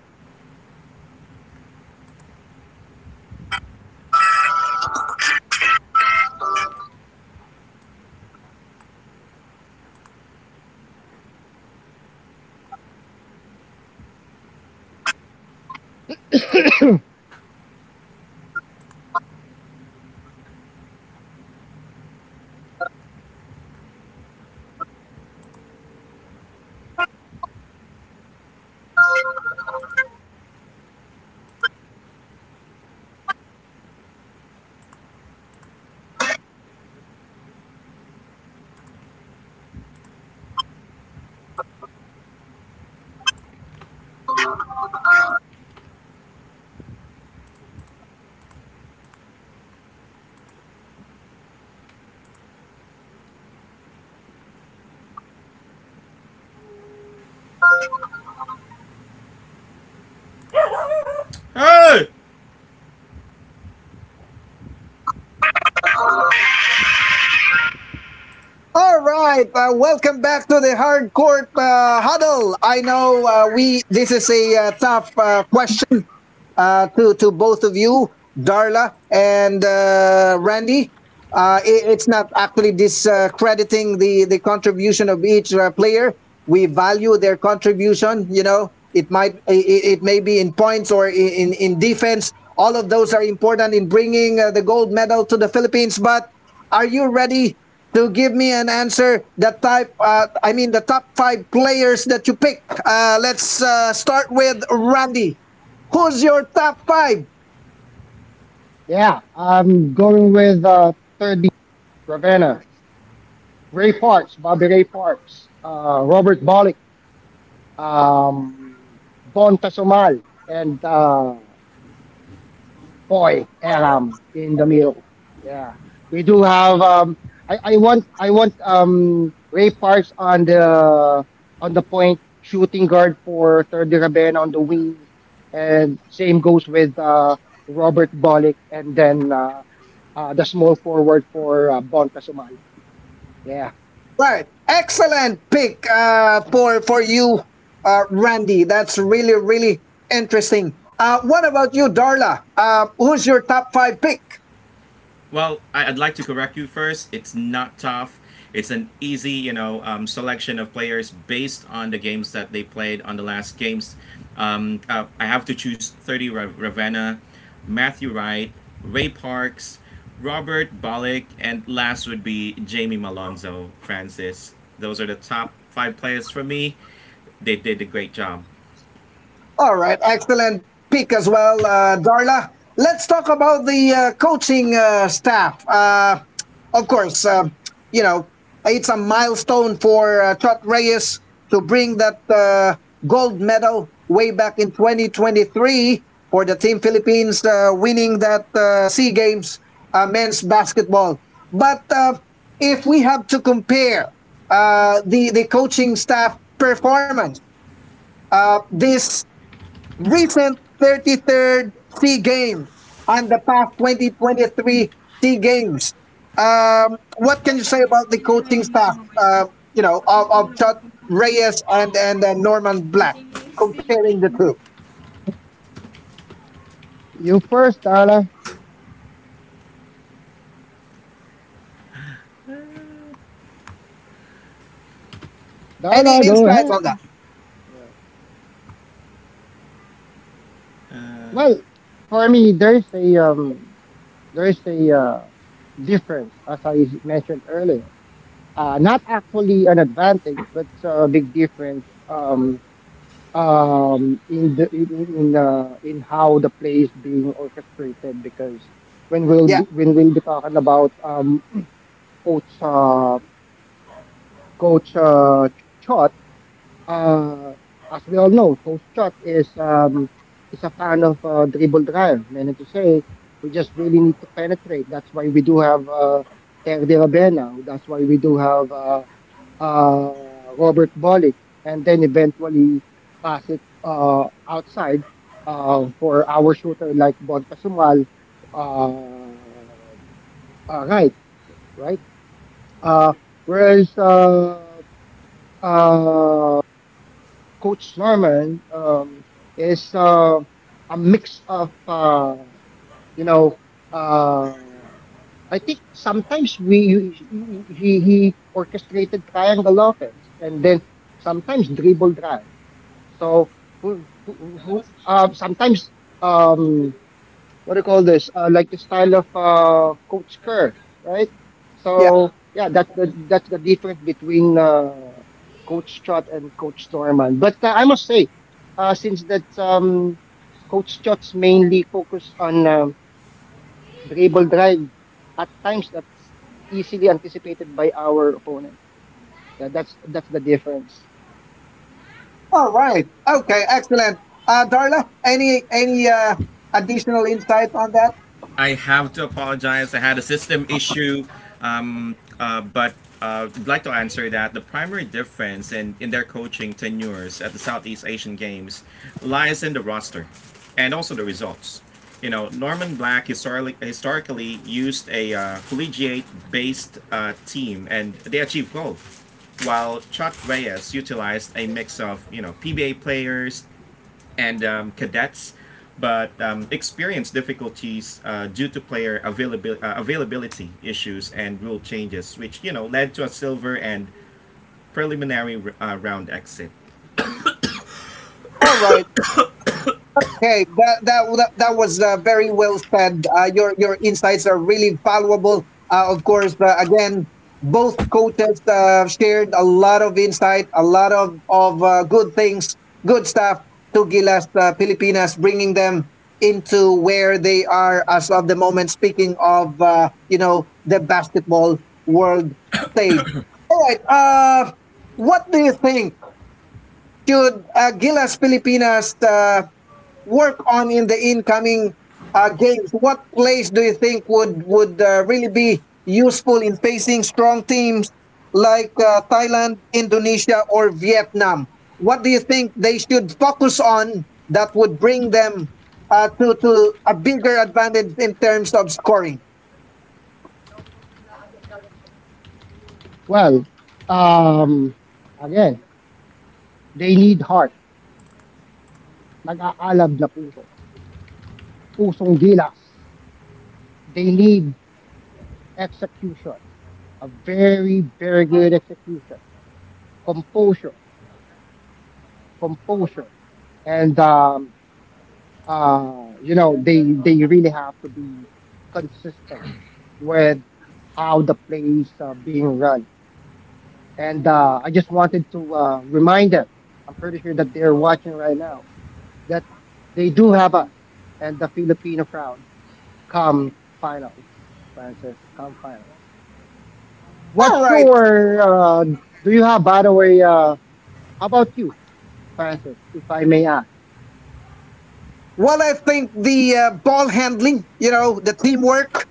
[SPEAKER 2] Hey!
[SPEAKER 1] All right, welcome back to the hardcore huddle. I know we this is a tough question to both of you, Darla and Randy. It, it's not actually discrediting the contribution of each player. We value their contribution. You know, it might it, it may be in points or in defense. All of those are important in bringing the gold medal to the Philippines. But are you ready to give me an answer? The type, I mean, the top five players that you pick. Let's start with Randy. Who's your top five?
[SPEAKER 3] Yeah, I'm going with third B Ravenna. Ray Parks, Bobby Ray Parks, Robert Bolick, um Bon Tasomal, and Poi, Aram in the middle. Yeah, we do have. I want Ray Parks on the point shooting guard, for Thurdy Rabena on the wing, and same goes with Robert Bolick, and then the small forward for Bon Pasumay. Yeah,
[SPEAKER 1] Right. Excellent pick for you, Randy. That's really really interesting. What about you, Darla? Who's your top five pick?
[SPEAKER 2] Well, I would like to correct you first. It's not tough. It's an easy, you know, selection of players based on the games that they played on the last games. I have to choose 30 Ravenna, Matthew Wright, Ray Parks, Robert Bollock, and last would be Jamie Malonzo, Francis. Those are the top five players for me. They did a great job.
[SPEAKER 1] All right, excellent pick as well, Darla. Let's talk about the coaching staff. Of course, you know it's a milestone for Chot Reyes to bring that gold medal way back in 2023 for the team Philippines winning that Sea Games men's basketball. But if we have to compare the coaching staff performance this recent 33rd SEA Games and the past 2023 SEA Games. What can you say about the coaching staff, uh, you know, of Chot Reyes and Norman Black, comparing the two?
[SPEAKER 3] you first, Darla.
[SPEAKER 1] Any
[SPEAKER 3] Darla, go
[SPEAKER 1] insights on that?
[SPEAKER 3] ahead. Yeah. Well, for me, there is a difference, as I mentioned earlier. Not actually an advantage, but a big difference, in the in how the play is being orchestrated. Because when we'll
[SPEAKER 1] Yeah,
[SPEAKER 3] be, when we'll be talking about coach uh, coach Chot. Uh, as we all know, Coach Chot is a fan of dribble drive. Meaning to say, we just really need to penetrate. That's why we do have Ter de Rabena. That's why we do have Robert Bolick, and then eventually pass it outside for our shooter like Bon Pasumal, uh, right, right. Uh, whereas uh, Coach Norman is a mix of you know, uh, I think sometimes we he orchestrated triangle offense, and then sometimes dribble drive. So sometimes, um, what do you call this? Like the style of Coach Kerr, right?
[SPEAKER 1] yeah.
[SPEAKER 3] So yeah, that's the difference between Coach Trot and Coach Norman. But I must say, since that Coach Trot's mainly focus on dribble drive, at times that's easily anticipated by our opponent. Yeah, that's the difference.
[SPEAKER 1] All right. Okay, excellent. Darla, any additional insights on that?
[SPEAKER 2] I have to apologize. I had a system issue, but I'd like to answer that. The primary difference in their coaching tenures at the Southeast Asian Games lies in the roster and also the results. You know, Norman Black historically used a collegiate based team and they achieved gold, while Chuck Reyes utilized a mix of, you know, PBA players, and cadets, but experienced difficulties due to availability issues and rule changes, which you know led to a silver and preliminary round exit.
[SPEAKER 1] All right. Okay, that was very well said. Your insights are really valuable. Of course, again, both coaches shared a lot of insight, a lot of good things, good stuff to Gilas Pilipinas, bringing them into where they are as of the moment. Speaking of the basketball world stage. All right. What do you think? Should Gilas Pilipinas work on in the incoming games? What plays do you think would really be useful in facing strong teams like Thailand, Indonesia, or Vietnam? What do you think they should focus on that would bring them to a bigger advantage in terms of scoring?
[SPEAKER 3] Well, um, again, they need heart. Nag-aalab na puso. Pusong gilas. They need execution, a very, very good execution, composure, composure, and they really have to be consistent with how the plays are being run. And I just wanted to remind them. I'm pretty sure that they're watching right now, that they do have us and the Filipino crowd come finals, Francis, come finals.
[SPEAKER 1] All
[SPEAKER 3] What's
[SPEAKER 1] right.
[SPEAKER 3] your do you have, by the way? How about you, Francis, if I may ask?
[SPEAKER 1] Well, I think the ball handling, you know, the teamwork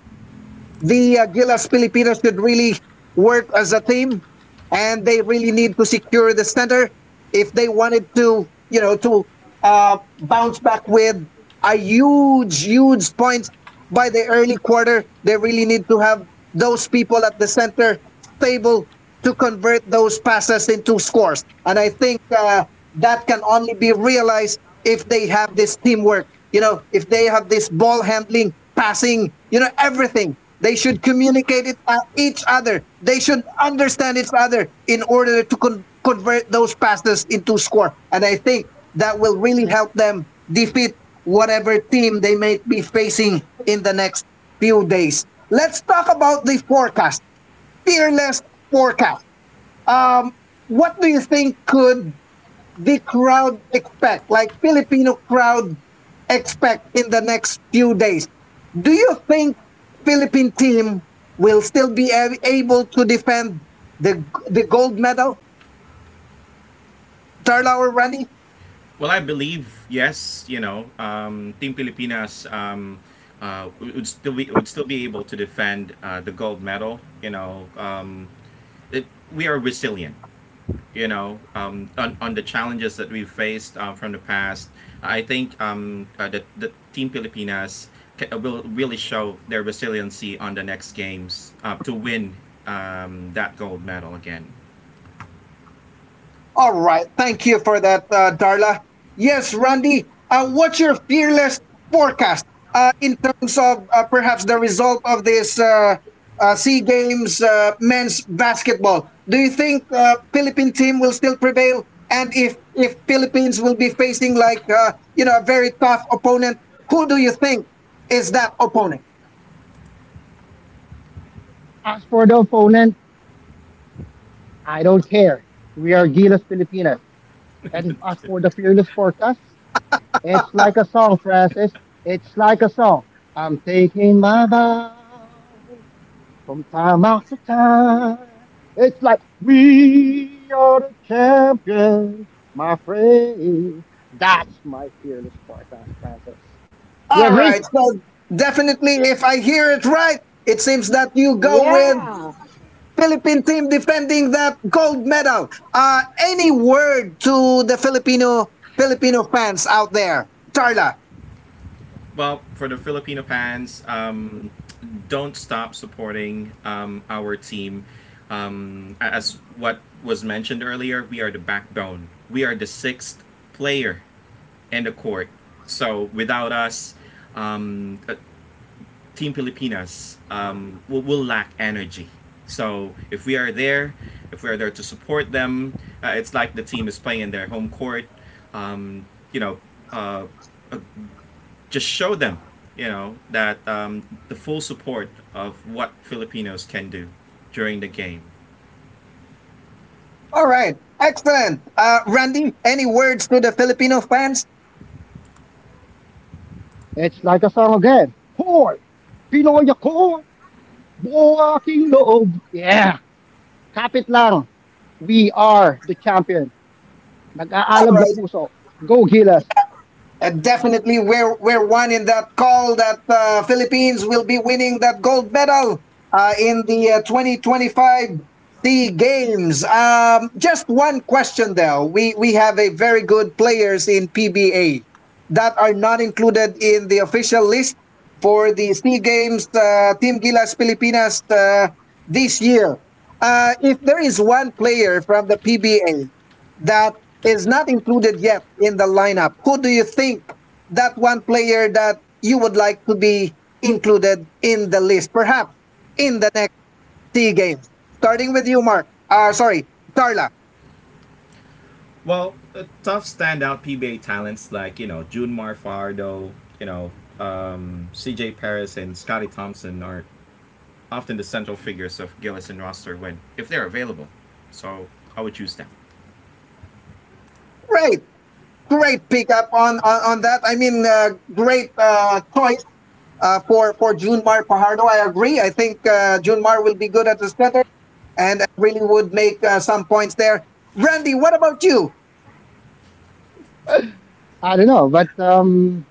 [SPEAKER 1] the Gilas Filipinas should really work as a team, and they really need to secure the center if they wanted to, you know, to bounce back with a huge, huge point by the early quarter. They really need to have those people at the center stable to convert those passes into scores. And I think that can only be realized if they have this teamwork, you know, if they have this ball handling, passing, you know, everything. They should communicate it each other. They should understand each other in order to convert those passes into score. And I think that will really help them defeat whatever team they may be facing in the next few days. Let's talk about the forecast fearless forecast. Um, what do you think could the crowd expect, like Filipino crowd expect in the next few days? Do you think Philippine team will still be able to defend the the gold medal, Darlaur Randy?
[SPEAKER 2] Well, I believe yes, you know, Team Pilipinas would still be able to defend the gold medal. You know, it, we are resilient you know, on the challenges that we faced from the past, I think the Team Pilipinas will really show their resiliency on the next games to win that gold medal again.
[SPEAKER 1] All right. Thank you for that, Darla. Yes, Randy, what's your fearless forecast in terms of perhaps the result of this SEA Games men's basketball? Do you think Philippine team will still prevail? And if Philippines will be facing like, a very tough opponent, who do you think is that opponent?
[SPEAKER 3] As for the opponent, I don't care. We are Gilas Filipinas. And as for the fearless forecast, it's like a song, Francis. It's like a song. I'm taking my vow from time after time. It's like we are the champion, my friend. That's my fearless forecast, Francis. You
[SPEAKER 1] All
[SPEAKER 3] agree?
[SPEAKER 1] right. So definitely, if I hear it right, it seems that you go with
[SPEAKER 3] Yeah.
[SPEAKER 1] Philippine team defending that gold medal. Any word to the Filipino fans out there, Tarla?
[SPEAKER 2] Well, for the Filipino fans, don't stop supporting our team. As what was mentioned earlier, we are the backbone. We are the sixth player in the court. So without us, um, uh, Team Pilipinas will lack energy. So if we are there, if we are there to support them, it's like the team is playing in their home court. Um, you know, uh, uh, just show them, you know, that the full support of what Filipinos can do during the game.
[SPEAKER 1] All right, excellent. Randy, any words to the Filipino fans?
[SPEAKER 3] It's like a song again. Hoy! Pinoy ako! Buo aking loob! Yeah! Kapit lang! We are the champion.
[SPEAKER 1] All
[SPEAKER 3] Nag-aalab na
[SPEAKER 1] right,
[SPEAKER 3] puso. Go Gilas!
[SPEAKER 1] Definitely, we're one in that call that Philippines will be winning that gold medal in the 2025 Sea Games. Just one question though. We have a very good players in PBA that are not included in the official list for the Sea Games Team Gilas Pilipinas this year. If there is one player from the PBA that is not included yet in the lineup? Who do you think that one player that you would like to be included in the list, perhaps in the next three games? Starting with you, Mark. Sorry, Darla.
[SPEAKER 2] Well, tough standout PBA talents like, you know, June Marfardo, you know, CJ Perez and Scotty Thompson are often the central figures of Gillis and Roster when, if they're available. So I would choose them.
[SPEAKER 1] Great, great pickup on that. I mean, great choice for Junmar Pajardo. I agree. I think Junmar will be good at the center and really would make some points there. Randy, what about you?
[SPEAKER 3] I don't know, but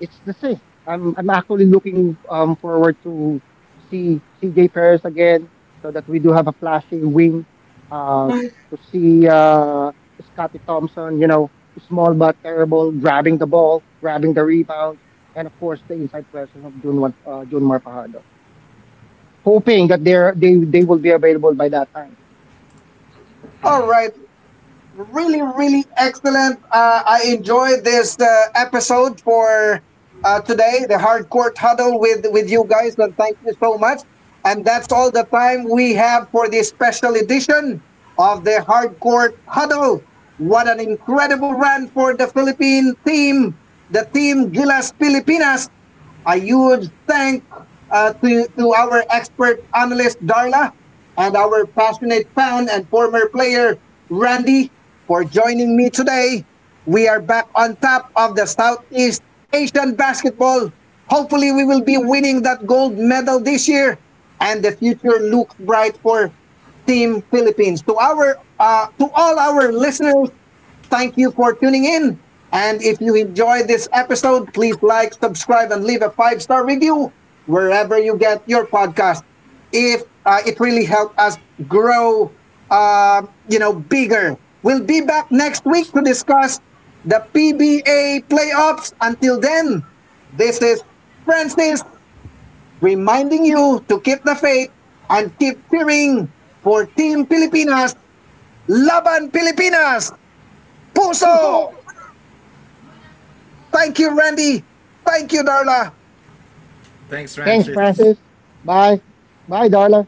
[SPEAKER 3] it's the same. I'm actually looking forward to see CJ Perez again, so that we do have a flashy wing, uh, to see Scotty Thompson, you know, small but terrible, grabbing the ball, grabbing the rebounds, and of course the inside presence of June Marpajado. Hoping that they will be available by that time.
[SPEAKER 1] All right, really, really excellent. I enjoyed this episode for today, the hardcore huddle with you guys, and thank you so much. And that's all the time we have for this special edition of the hardcore huddle. What an incredible run for the Philippine team, the team Gilas Pilipinas. A huge thank to our expert analyst, Darla, and our passionate fan and former player, Randy, for joining me today. We are back on top of the Southeast Asian basketball. Hopefully, we will be winning that gold medal this year, and the future looks bright for Team Philippines. To our to all our listeners, thank you for tuning in. And if you enjoyed this episode, please like, subscribe, and leave a 5-star review wherever you get your podcast. If it really helped us grow, bigger. We'll be back next week to discuss the PBA playoffs. Until then, this is Francis reminding you to keep the faith and keep cheering for Team Pilipinas. Laban Pilipinas! Puso!
[SPEAKER 3] Puso!
[SPEAKER 1] Thank you, Randy. Thank you, Darla.
[SPEAKER 2] Thanks,
[SPEAKER 3] Thanks,
[SPEAKER 2] Francis.
[SPEAKER 3] Francis. Bye, bye, Darla.